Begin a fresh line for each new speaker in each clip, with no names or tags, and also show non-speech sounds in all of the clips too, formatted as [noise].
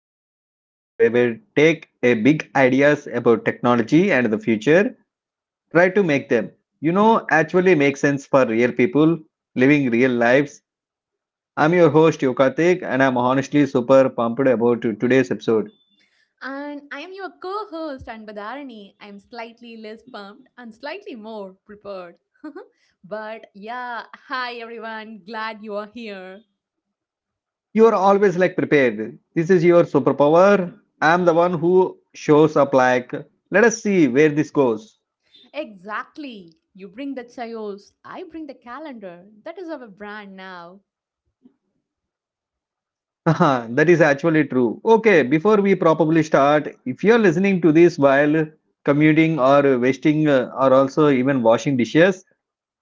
of podcast where we take a big ideas about technology and the future, try to make them, actually make sense for real people living real lives. I'm your host Yokatik, and I'm honestly super pumped about today's episode.
And I am your co host, Anbadarani. I am slightly less pumped and slightly more prepared. [laughs] But yeah, hi everyone, glad you are here.
You are always like prepared. This is your superpower. I'm the one who shows up like, let us see where this goes.
Exactly. You bring the chayos, I bring the calendar. That is our brand now.
[laughs] Haha, that is actually true. Okay, before we probably start, if you're listening to this while commuting or wasting, or also even washing dishes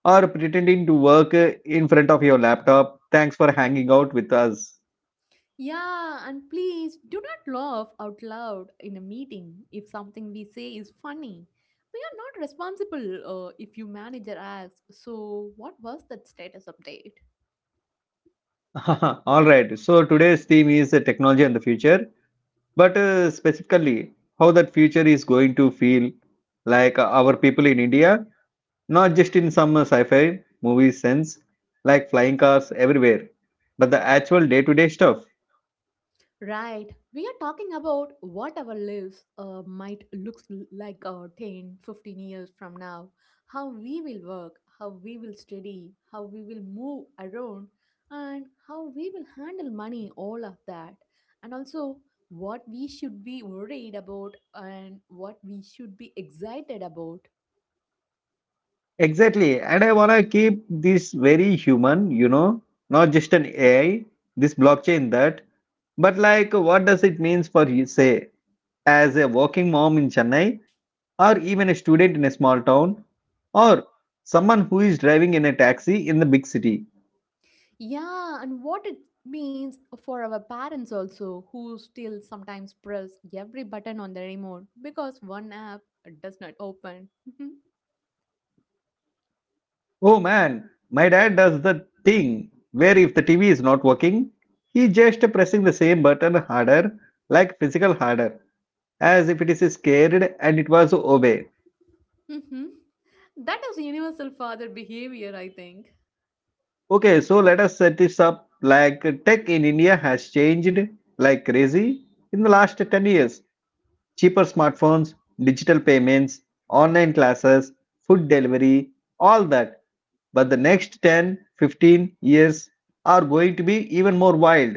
or pretending to work in front of your laptop, thanks for hanging out with us.
Yeah, and please do not laugh out loud in a meeting if something we say is funny. We are not responsible if you manager asks, so what was that status update?
[laughs] All right, so today's theme is technology and the future, but specifically how that future is going to feel like our people in India. Not just in some sci fi movie sense, like flying cars everywhere, but the actual day to day stuff.
Right, we are talking about what our lives might look like 10, 15 years from now, how we will work, how we will study, how we will move around, and how we will handle money, all of that. And also, what we should be worried about and what we should be excited about.
Exactly. And I want to keep this very human, not just an AI, this blockchain that, but like what does it means for you, say, as a working mom in Chennai, or even a student in a small town, or someone who is driving in a taxi in the big city.
Yeah, and what it means for our parents also, who still sometimes press every button on the remote because one app does not open.
Oh man, my dad does the thing where if the TV is not working, he just pressing the same button harder, like physical harder, as if it is scared and it was obey.
hmm That is universal father behavior, I think.
Okay, so let us set this up like tech in India has changed like crazy in the last 10 years. Cheaper smartphones, digital payments, online classes, food delivery, all that. But the next 10, 15 years are going to be even more wild.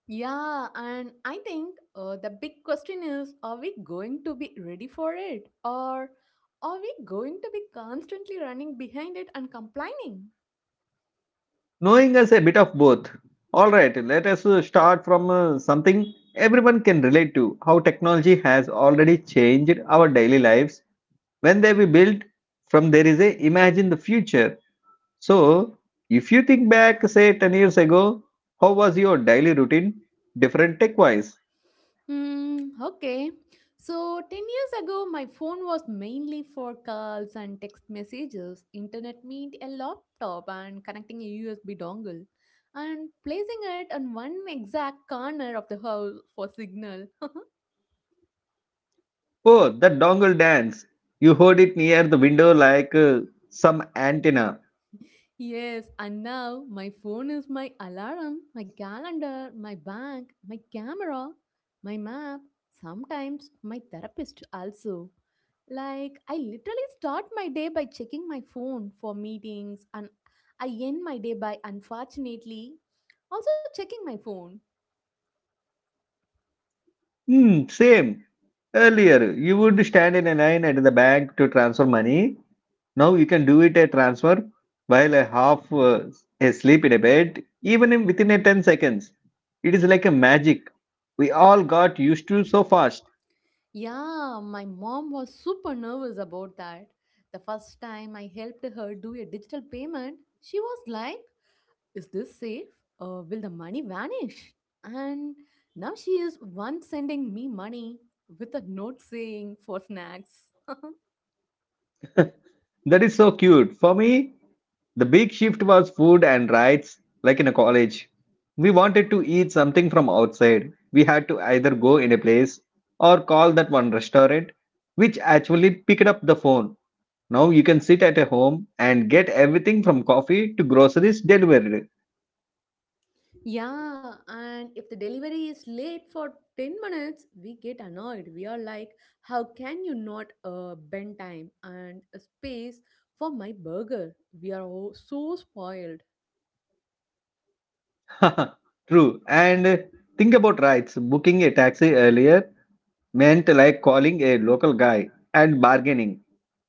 Yeah, and I think the big question is, are we going to be ready for it? Or are we going to be constantly running behind it and complaining?
Knowing us a bit of both. All right, let us start from something everyone can relate to how technology has already changed our daily lives. When they were built, from there is a imagine the future. So, if you think back, say 10 years ago, how was your daily routine different tech wise?
Okay. So, 10 years ago, my phone was mainly for calls and text messages, internet meant a laptop, and connecting a USB dongle, and placing it on one exact corner of the house for signal. [laughs]
Oh, the dongle dance. You heard it near the window like some antenna.
Yes, and now my phone is my alarm, my calendar, my bank, my camera, my map, sometimes my therapist also. Like, I literally start my day by checking my phone for meetings, and I end my day by unfortunately also checking my phone.
Hmm, same. Earlier, you would stand in a line at the bank to transfer money. Now you can do it a transfer while a half asleep in a bed, even in, within a 10 seconds. It is like a magic. We all got used to so fast.
Yeah, my mom was super nervous about that. The first time I helped her do a digital payment, she was like, "Is this safe? Will the money vanish?" And now she is once sending me money with a note saying for snacks. [laughs]
That is so cute. For me, the big shift was food and rides. Like in a college. We wanted to eat something from outside. We had to either go in a place or call that one restaurant, which actually picked up the phone. Now you can sit at a home and get everything from coffee to groceries delivered.
Yeah, and if the delivery is late for 10 minutes, we get annoyed. We are like, how can you not bend time and a space for my burger? We are all so spoiled.
[laughs] True. And think about rights. Booking a taxi earlier meant like calling a local guy and bargaining.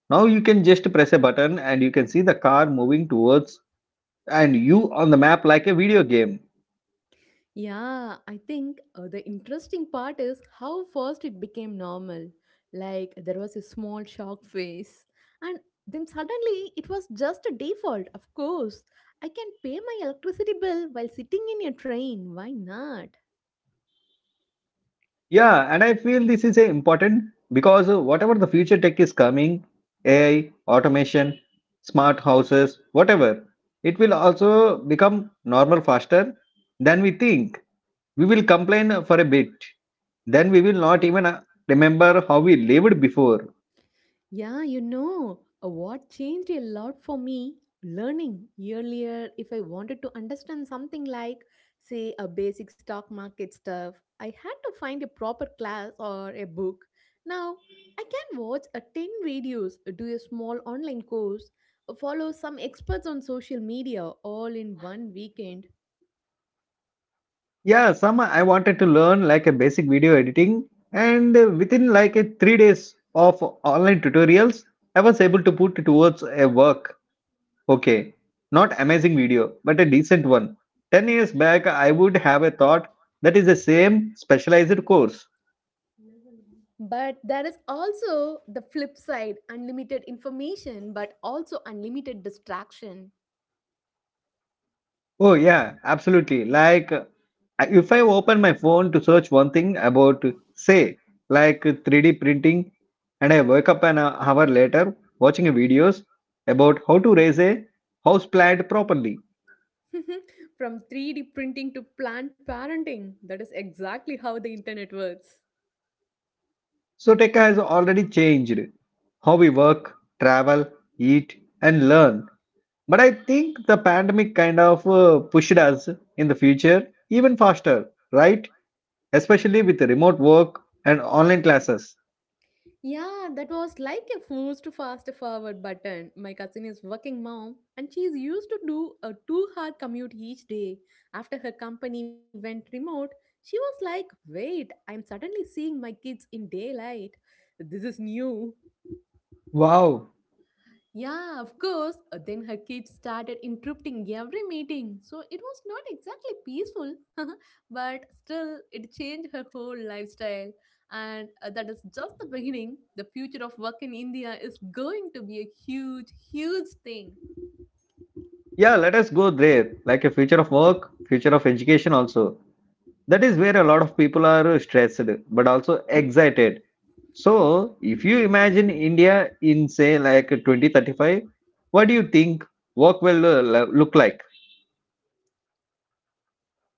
Now you can just press a button and you can see the car moving towards and you on the map like a video game.
Yeah, I think the interesting part is how fast it became normal. Like there was a small shock face, and then suddenly it was just a default. Of course, I can pay my electricity bill while sitting in a train. Why not?
Yeah, and I feel this is a important because whatever the future tech is coming, AI, automation, smart houses, whatever, it will also become normal faster than we think. We will complain for a bit, then we will not even remember how we lived before.
Yeah, what changed a lot for me? Learning. Earlier, if I wanted to understand something like, say, a basic stock market stuff, I had to find a proper class or a book. Now, I can watch a 10 videos, do a small online course, follow some experts on social media all in one weekend.
Yeah, some I wanted to learn like a basic video editing, and within like a 3 days of online tutorials, I was able to put towards a work. Okay, not amazing video, but a decent one. 10 years back, I would have a thought that is the same specialized course.
But there is also the flip side, unlimited information, but also unlimited distraction.
Oh yeah, absolutely. Like if I open my phone to search one thing about, say, like 3D printing, and I wake up an hour later watching videos about how to raise a house plant properly.
Mhm. From 3D printing to plant parenting, that is exactly how the internet works.
So tech has already changed how we work, travel, eat, and learn. But I think the pandemic kind of pushed us in the future even faster, right? Especially with remote work and online classes.
Yeah, that was like a forced fast forward button. My cousin is working mom and she's used to do a 2 hour commute each day. After her company went remote, she was like, "Wait, I am suddenly seeing my kids in daylight. This is new."
Wow.
Yeah, of course. Then her kids started interrupting every meeting. So it was not exactly peaceful, [laughs] but still, it changed her whole lifestyle. And that is just the beginning. The future of work in India is going to be a huge, huge thing.
Yeah, let us go there. Like a future of work, future of education also. That is where a lot of people are stressed but also excited. So, if you imagine India in say like 2035, what do you think work will look like?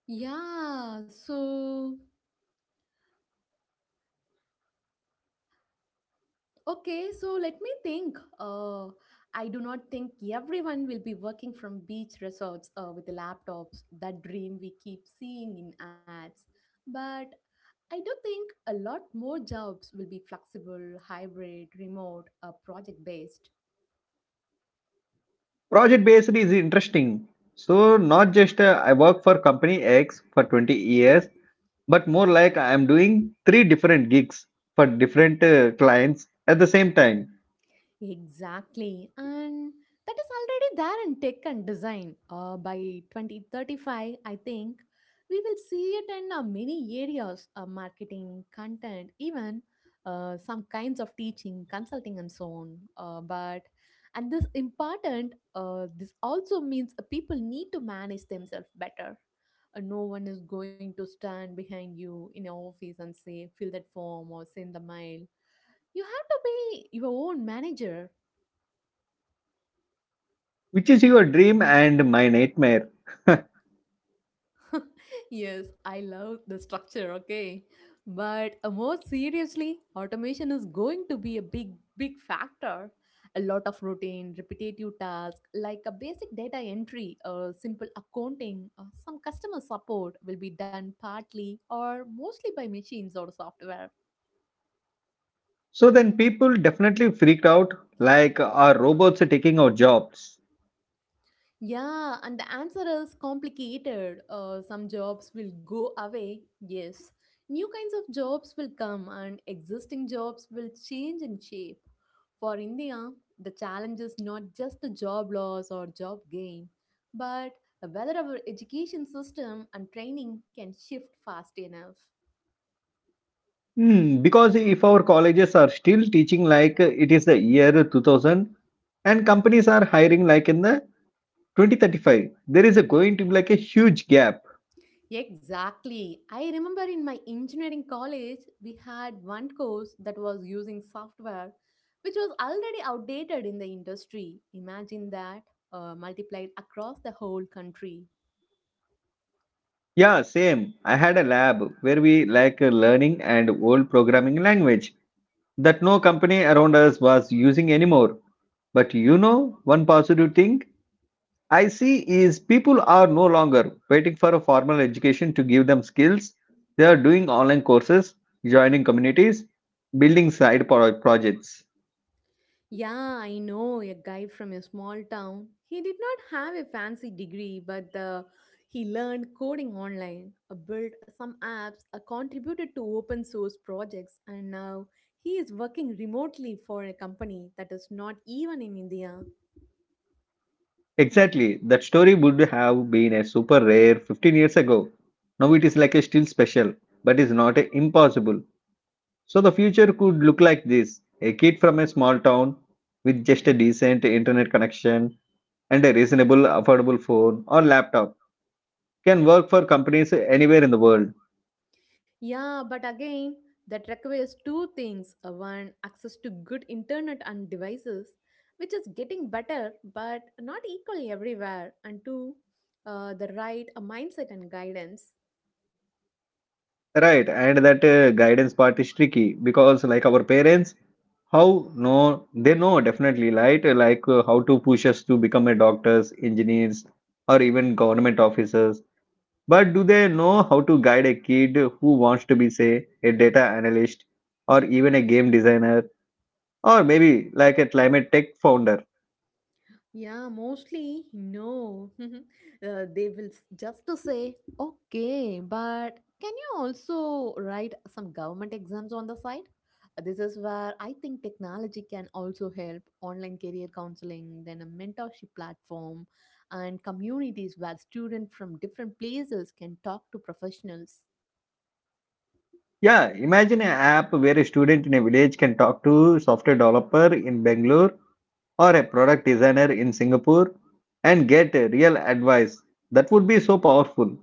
Yeah, so Okay, so let me think. I do not think everyone will be working from beach resorts with laptops, that dream we keep seeing in ads. But I do think a lot more jobs will be flexible, hybrid, remote, project based.
Project based is interesting. So, not just I work for company X for 20 years, but more like I am doing three different gigs for different clients at the same time,
Exactly. And that is already there in tech and design. By 2035, I think we will see it in many areas, marketing, content, even some kinds of teaching, consulting, and so on. But and this important, this also means people need to manage themselves better. No one is going to stand behind you in your office and say, fill that form or send the mail. You have to be your own manager.
which is your dream and my nightmare.
[laughs] Yes, I love the structure, okay. But more seriously, automation is going to be a big, big factor. A lot of routine, repetitive tasks like a basic data entry or simple accounting or some customer support will be done partly or mostly by machines or software.
So then people definitely freaked out like are robots taking our jobs?
Yeah, and the answer is complicated. Some jobs will go away, yes. New kinds of jobs will come, and existing jobs will change in shape. For India, the challenge is not just the job loss or job gain, but whether our education system and training can shift fast enough.
Hmm, because if our colleges are still teaching like it is the year 2000 and companies are hiring like in the 2035, there is a going to be like a huge gap.
Exactly. I remember in my engineering college, we had one course that was using software which was already outdated in the industry. Imagine that multiplied across the whole country.
Yeah, same. I had a lab where we like learning and old programming language that no company around us was using anymore. But you know, one positive thing I see is people are no longer waiting for a formal education to give them skills. They are doing online courses, joining communities, building side projects.
Yeah, I know a guy from a small town. He did not have a fancy degree, but he learned coding online, built some apps, contributed to open source projects, and now he is working remotely for a company that is not even in India.
Exactly, that story would have been a super rare 15 years ago. Now it is like a still special, but is not a impossible. So the future could look like this a kid from a small town with just a decent internet connection and a reasonable, affordable phone or laptop can work for companies anywhere in the world.
Yeah, but again, that requires 2 things. One, access to good internet and devices, which is getting better but not equal everywhere. And two, the right mindset and guidance.
Right, and that guidance part is tricky because, like our parents, how no, they know definitely, right? Like how to push us to become a doctors, engineers, or even government officers. But do they know how to guide a kid who wants to be, say, a data analyst, or even a game designer, or maybe like a climate tech founder?
Yeah, mostly no. [laughs] They will just to say, okay, but can you also write some government exams on the side? This is where I think technology can also help, online career counseling, then a mentorship platform, and communities where students from different places can talk to professionals.
Yeah, imagine an app where a student in a village can talk to software developer in Bangalore or a product designer in Singapore and get a real advice. That would be so powerful.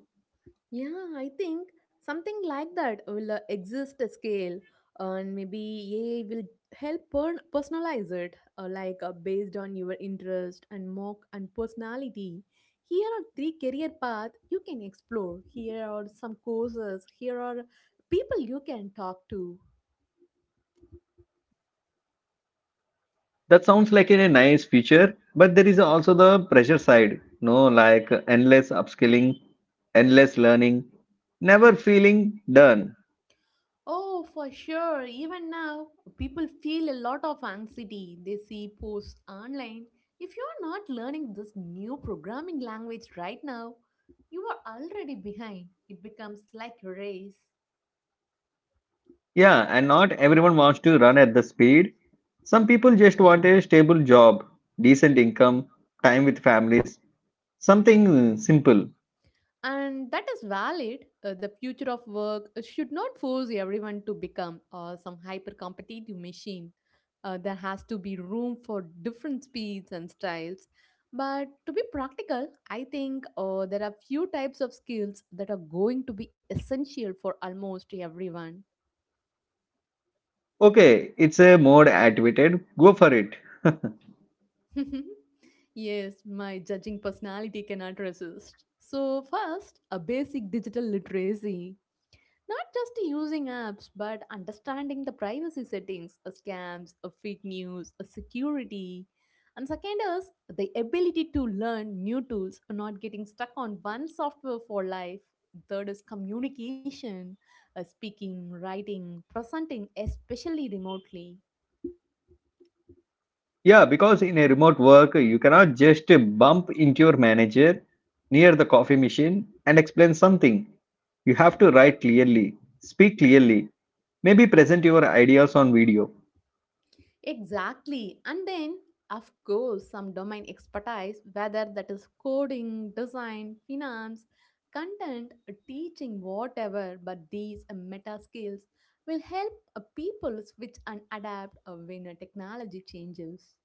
Yeah, I think something like that will exist a scale, and maybe AI will help personalize it, based on your interest and mock and personality. Here are 3 career paths you can explore. Here are some courses. Here are people you can talk to.
That sounds like a nice feature, but there is also the pressure side, no, like endless upskilling, endless learning, never feeling done.
Oh, for sure. Even now, people feel a lot of anxiety. They see posts online. If you're not learning this new programming language right now, you are already behind. It becomes like a race.
Yeah, and not everyone wants to run at the speed. Some people just want a stable job, decent income, time with families, something simple.
And that is valid. The future of work should not force everyone to become some hyper competitive machine. There has to be room for different speeds and styles, but to be practical, I think there are few types of skills that are going to be essential for almost everyone.
Okay, it's a more activated, go for it.
[laughs] Yes, my judging personality cannot resist, so first, a basic digital literacy. Not just using apps, but understanding the privacy settings, scams, fake news, security. And second is the ability to learn new tools, not getting stuck on one software for life. Third is communication, speaking, writing, presenting, especially remotely.
Yeah, because in a remote work, you cannot just bump into your manager near the coffee machine and explain something. You have to write clearly, speak clearly, maybe present your ideas on video.
Exactly. And then, of course, some domain expertise, whether that is coding, design, finance, content, teaching, whatever, but these meta skills will help people switch and adapt when a technology changes.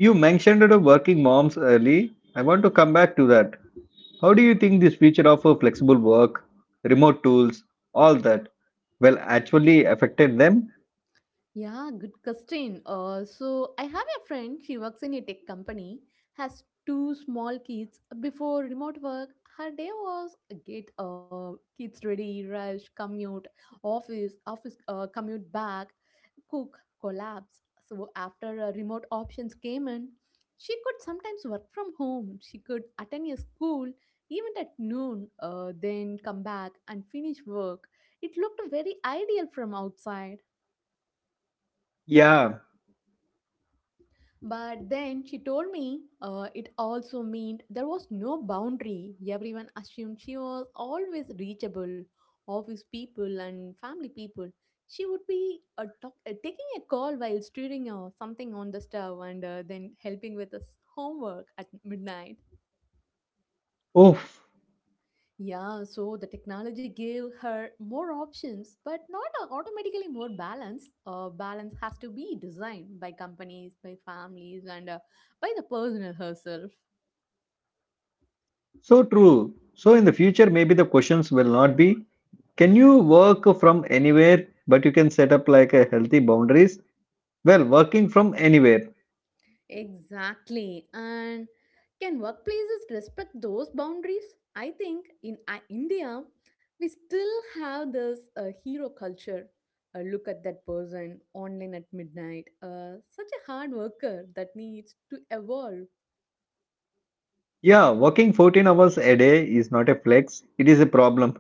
You mentioned the working moms early. I want to come back to that. How do you think this feature of flexible work, remote tools, all that, well, actually affected them?
Yeah, good question. So I have a friend, she works in a tech company, has 2 small kids. Before remote work, her day was get kids ready, rush, commute, office, office, commute back, cook, collapse. So after remote options came in, she could sometimes work from home. She could attend a school even at noon, then come back and finish work. It looked very ideal from outside.
Yeah.
But then she told me it also meant there was no boundary. Everyone assumed she was always reachable, office people and family people. She would be taking a call while stirring something on the stove and then helping with his homework at midnight.
Oh,
Yeah, so the technology gave her more options, but not automatically more balance. Balance has to be designed by companies, by families, and by the person herself.
so true. So in the future, maybe the questions will not be can you work from anywhere, but you can set up like a healthy boundaries? Well, working from anywhere.
Exactly. And can workplaces respect those boundaries? I think in India, we still have this hero culture. Look at that person online at midnight, such a hard worker, that needs to evolve.
Yeah, working 14 hours a day is not a flex, it is a problem.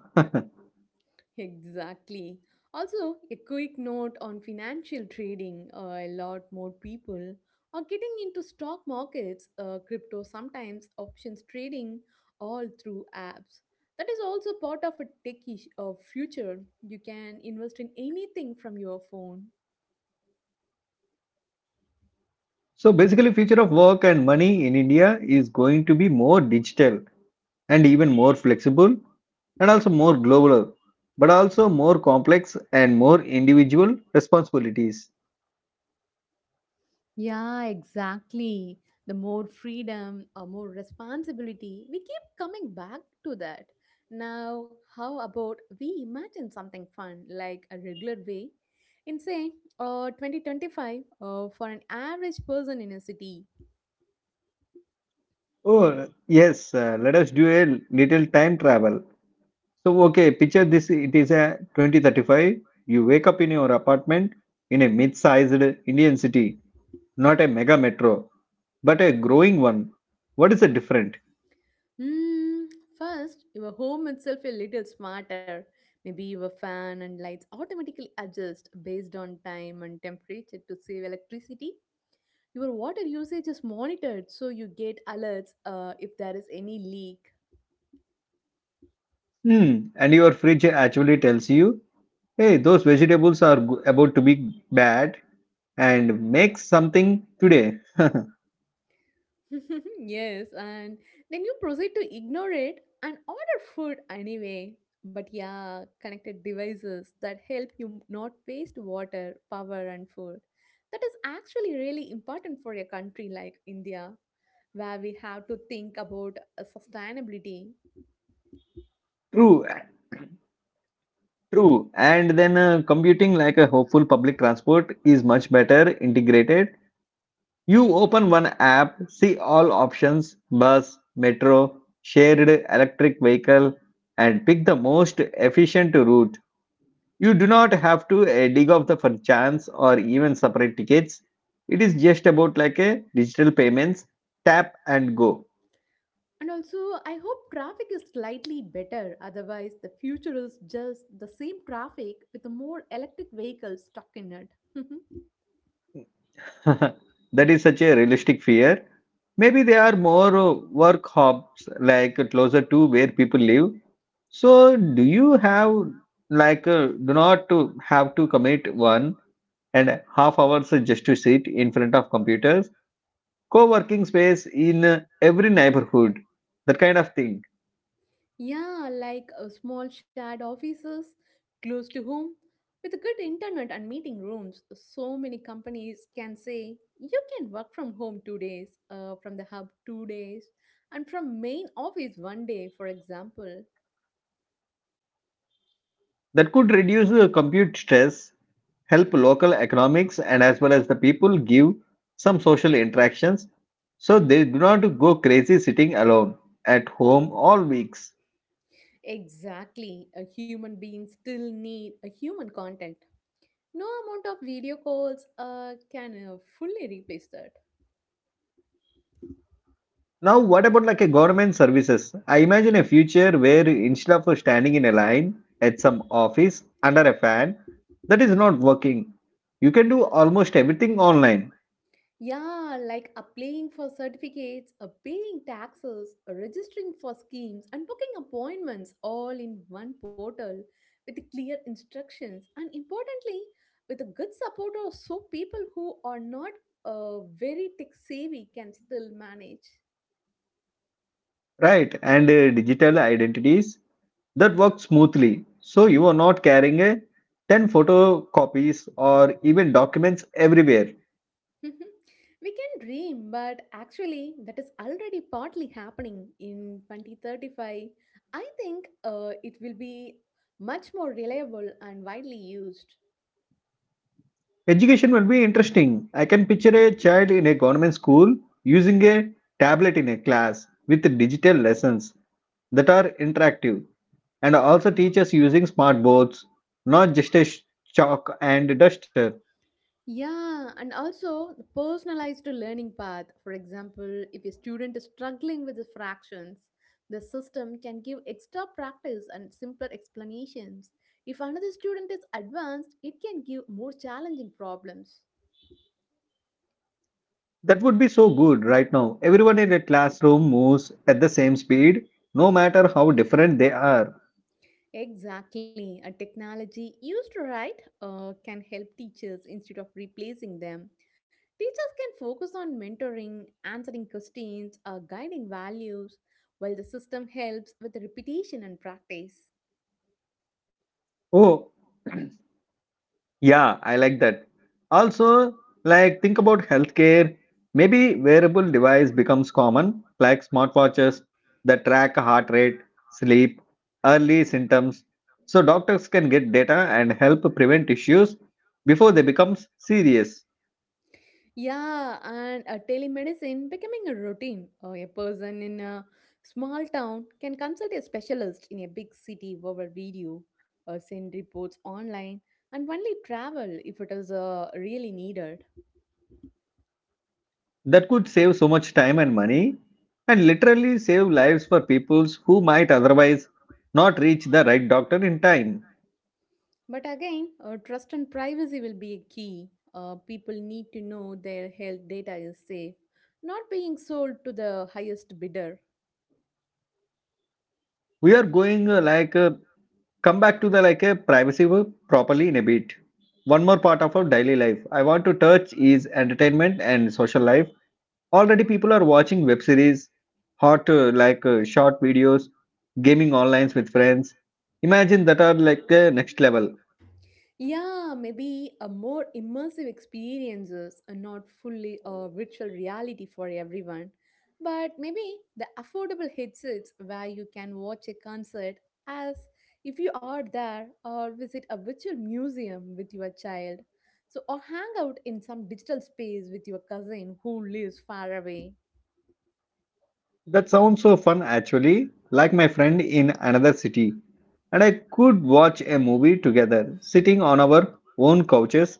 Exactly. Also, a quick note on financial trading, a lot more people are getting into stock markets, crypto, sometimes options trading, all through apps. That is also part of a techish future. You can invest in anything from your phone.
So basically future of work and money in India is going to be more digital and even more flexible and also more global, but also more complex and more individual responsibilities.
Yeah, exactly. The more freedom or more responsibility, we keep coming back to that. Now, how about we imagine something fun, like a regular way in say 2025 for an average person in a city?
Oh, yes, let us do a little time travel. So, okay, picture this it is a 2035. You wake up in your apartment in a mid sized Indian city, not a mega metro, but a growing one. What is the difference?
Hmm, first, your home itself a little smarter. Maybe your fan and lights automatically adjust based on time and temperature to save electricity. Your water usage is monitored, so you get alerts if there is any leak.
Hmm, and your fridge actually tells you, hey, those about to be bad and make something today.
[laughs] Yes, and then you proceed to ignore it and order food anyway. But yeah, connected devices that help you not waste water, power, and food. That is actually really important for a country like India, where we have to think about sustainability.
True, true. And then computing like a hopeful public transport is much better integrated. You open one app, see all options bus, metro, shared electric vehicle, and pick the most efficient route. You do not have to dig off the for chance or even separate tickets. It is just about like a digital payments, tap and go.
And also, I hope traffic is slightly better. Otherwise, the future is just the same traffic with a more electric vehicles stuck in it. [laughs]
[laughs] That is such a realistic fear. Maybe there are more work hubs like closer to where people live. So, do you have like do not to have to commit one and half hours just to sit in front of computers? Co-working space in every neighborhood, that kind of thing.
Yeah, like small shared offices close to home. With a good internet and meeting rooms, so many companies can say you can work from home 2 days, from the hub 2 days, and from main office one day, for example.
That could reduce the compute stress help local economics and as well as the people give some social interactions so they do not go crazy sitting alone at home all weeks.
Exactly. A human being still need a human contact. No amount of video calls can fully replace that.
Now what about like a government services? I imagine a future where instead of standing in a line at some office under a fan that is not working, you can do almost everything online.
Yeah, like applying for certificates, paying taxes, registering for schemes, and booking appointments all in one portal with clear instructions and importantly, with a good support of so people who are not very tech savvy can still manage.
Right, and digital identities that works smoothly. So you are not carrying a 10 photocopies or even documents everywhere.
[laughs] Mhm. We can dream, but actually, that is already partly happening in 2035. I think it will be much more reliable and widely used.
Education will be interesting. I can picture a child in a government school using a tablet in a class with digital lessons that are interactive and also teachers using smart boards, not just a chalk and duster.
Yeah, and also the personalized learning path. For example, if a student is struggling with the fractions, the system can give extra practice and simpler explanations. If another student is advanced, it can give more challenging problems.
That would be so good right now. Everyone in a classroom moves at the same speed, no matter how different they are.
Exactly. A technology used right can help teachers instead of replacing them. Teachers can focus on mentoring, answering questions, guiding values, while the system helps with repetition and practice.
Oh, yeah, I like that. Also, like think about healthcare. Maybe wearable device becomes common, like smartwatches that track heart rate, sleep, early symptoms, so doctors can get data and help prevent issues before they become serious.
Yeah, and telemedicine becoming a routine. A person in a small town can consult a specialist in a big city over video or send reports online and only travel if it is really needed.
That could save so much time and money, and literally save lives for peoples who might otherwise not reach the right doctor in time.
But again, trust and privacy will be a key. People need to know their health data is safe, not being sold to the highest bidder.
We are going come back to the like a properly in a bit. One more part of our daily life I want to touch is entertainment and social life. Already people are watching web series hot short videos, gaming online with friends. Imagine that are like next level.
Yeah, maybe a more immersive experiences are not fully a virtual reality for everyone, but maybe the affordable headsets where you can watch a concert as if you are there or visit a virtual museum with your child. So or hang out in some digital space with your cousin who lives far away.
That sounds so fun actually like my friend in another city and I could watch a movie together sitting on our own couches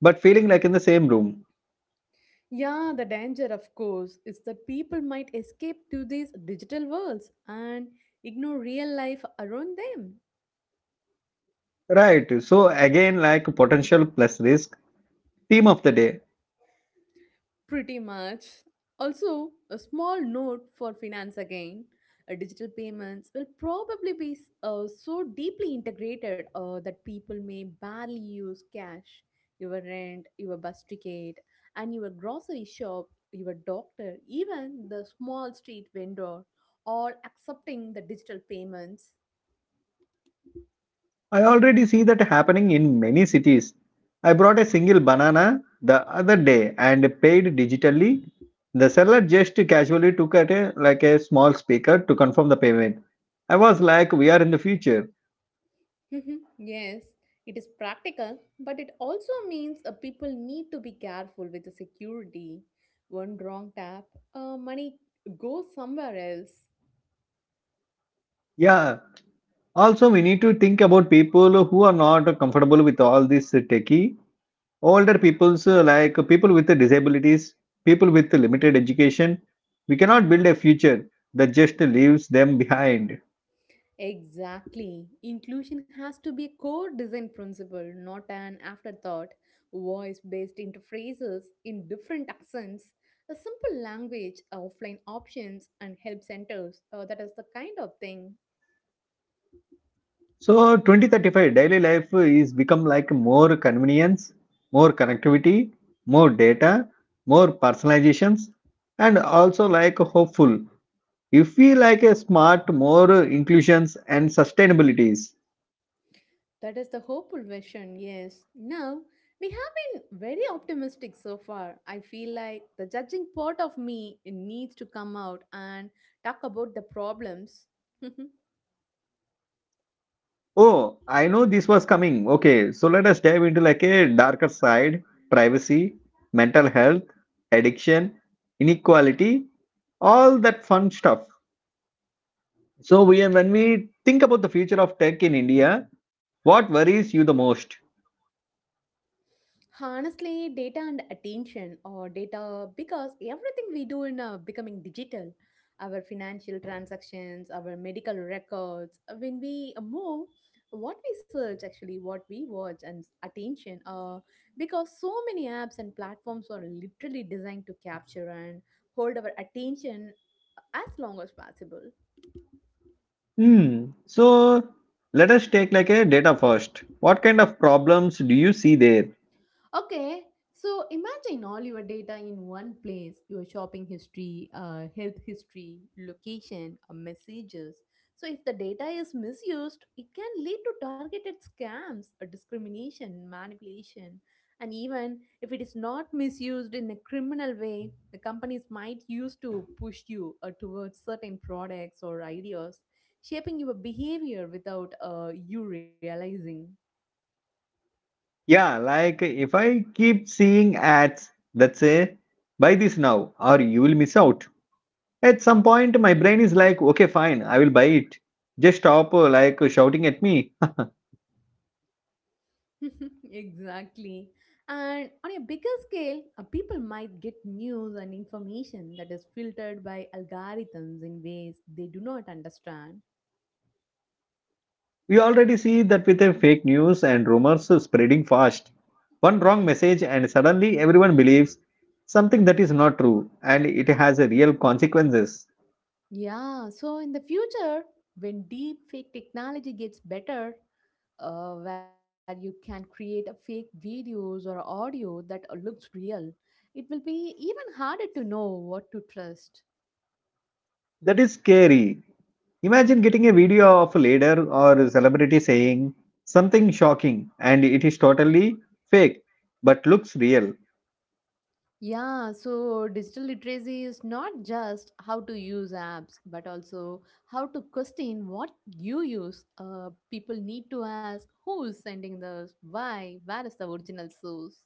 but feeling like in the same room.
Yeah, the danger, of course, is that people might escape to these digital worlds and ignore real life around them.
Right. So again, like potential plus risk, theme of the day.
Pretty much. Also, a small note for finance again. Digital payments will probably be so deeply integrated that people may barely use cash. Your rent, your bus ticket, and your grocery shop, your doctor, even the small street vendor, all accepting the digital payments.
I already see that happening in many cities. I brought a single banana the other day and paid digitally. The seller just casually took at a like a small speaker to confirm the payment. I was like, we are in the future.
[laughs] Mhm. Yes, it is practical, but it also means people need to be careful with the security. One wrong tap, money goes somewhere else.
Yeah. Also, we need to think about people who are not comfortable with all this techie, older people's like people with disabilities, people with limited education. We cannot build a future that just leaves them behind.
Exactly. Inclusion has to be a core design principle, not an afterthought. Voice based interfaces in different accents, a simple language, offline options, and help centers. That is the kind of thing.
So 2035 daily life is become like more convenience, more connectivity, more data, more personalizations, and also like hopeful if we like a smart more inclusions and sustainabilities.
That is the hopeful vision, yes. Now, we have been very optimistic so far. I feel like the judging part of me needs to come out and talk about the problems. [laughs]
Oh, I know this was coming. Okay, so let us dive into like a darker side, privacy, mental health, addiction, inequality, all that fun stuff. So we when we think about the future of tech in India, what worries you the most?
Honestly, data and attention, or data because everything we do in becoming digital, our financial transactions, our medical records, when we move, what we search actually, what we watch, and attention, because so many apps and platforms are literally designed to capture and hold our attention as long as possible.
Hmm. So let us take like a data first. What kind of problems do you see there?
Okay, so imagine all your data in one place, your shopping history, health history, location, messages. So, if the data is misused, it can lead to targeted scams, discrimination, manipulation. And even if it is not misused in a criminal way, the companies might use to push you towards certain products or ideas, shaping your behavior without you realizing.
Yeah, like if I keep seeing ads that say buy this now or you will miss out. At some point, my brain is like, okay, fine, I will buy it. Just stop like shouting at me. [laughs]
[laughs] Exactly. And on a bigger scale, people might get news and information that is filtered by algorithms in ways they do not understand.
We already see that with the fake news and rumors spreading fast. One wrong message, and suddenly everyone believes something that is not true and it has a real consequences.
Yeah, so in the future, when deep fake technology gets better, where you can create a fake videos or audio that looks real, it will be even harder to know what to trust.
That is scary. Imagine getting a video of a leader or a celebrity saying something shocking and it is totally fake but looks real.
Yeah, so digital literacy is not just how to use apps, but also how to question what you use. People need to ask who is sending this, why, where is the original source.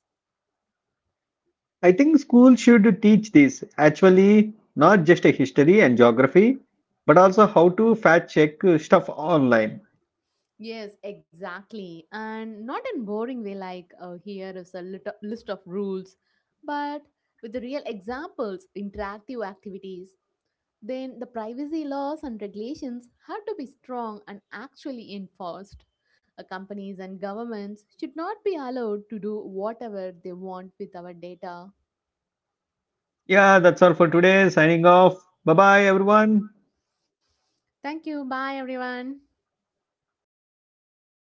I think school should teach this actually, not just a history and geography, but also how to fact check stuff online.
Yes, exactly. And not in boring way like here is a list of rules, but with the real examples, interactive activities. Then the privacy laws and regulations have to be strong and actually enforced. Companies and governments should not be allowed to do whatever they want with our data.
Yeah, that's all for today. Signing off. Bye bye, everyone.
Thank you. Bye, everyone.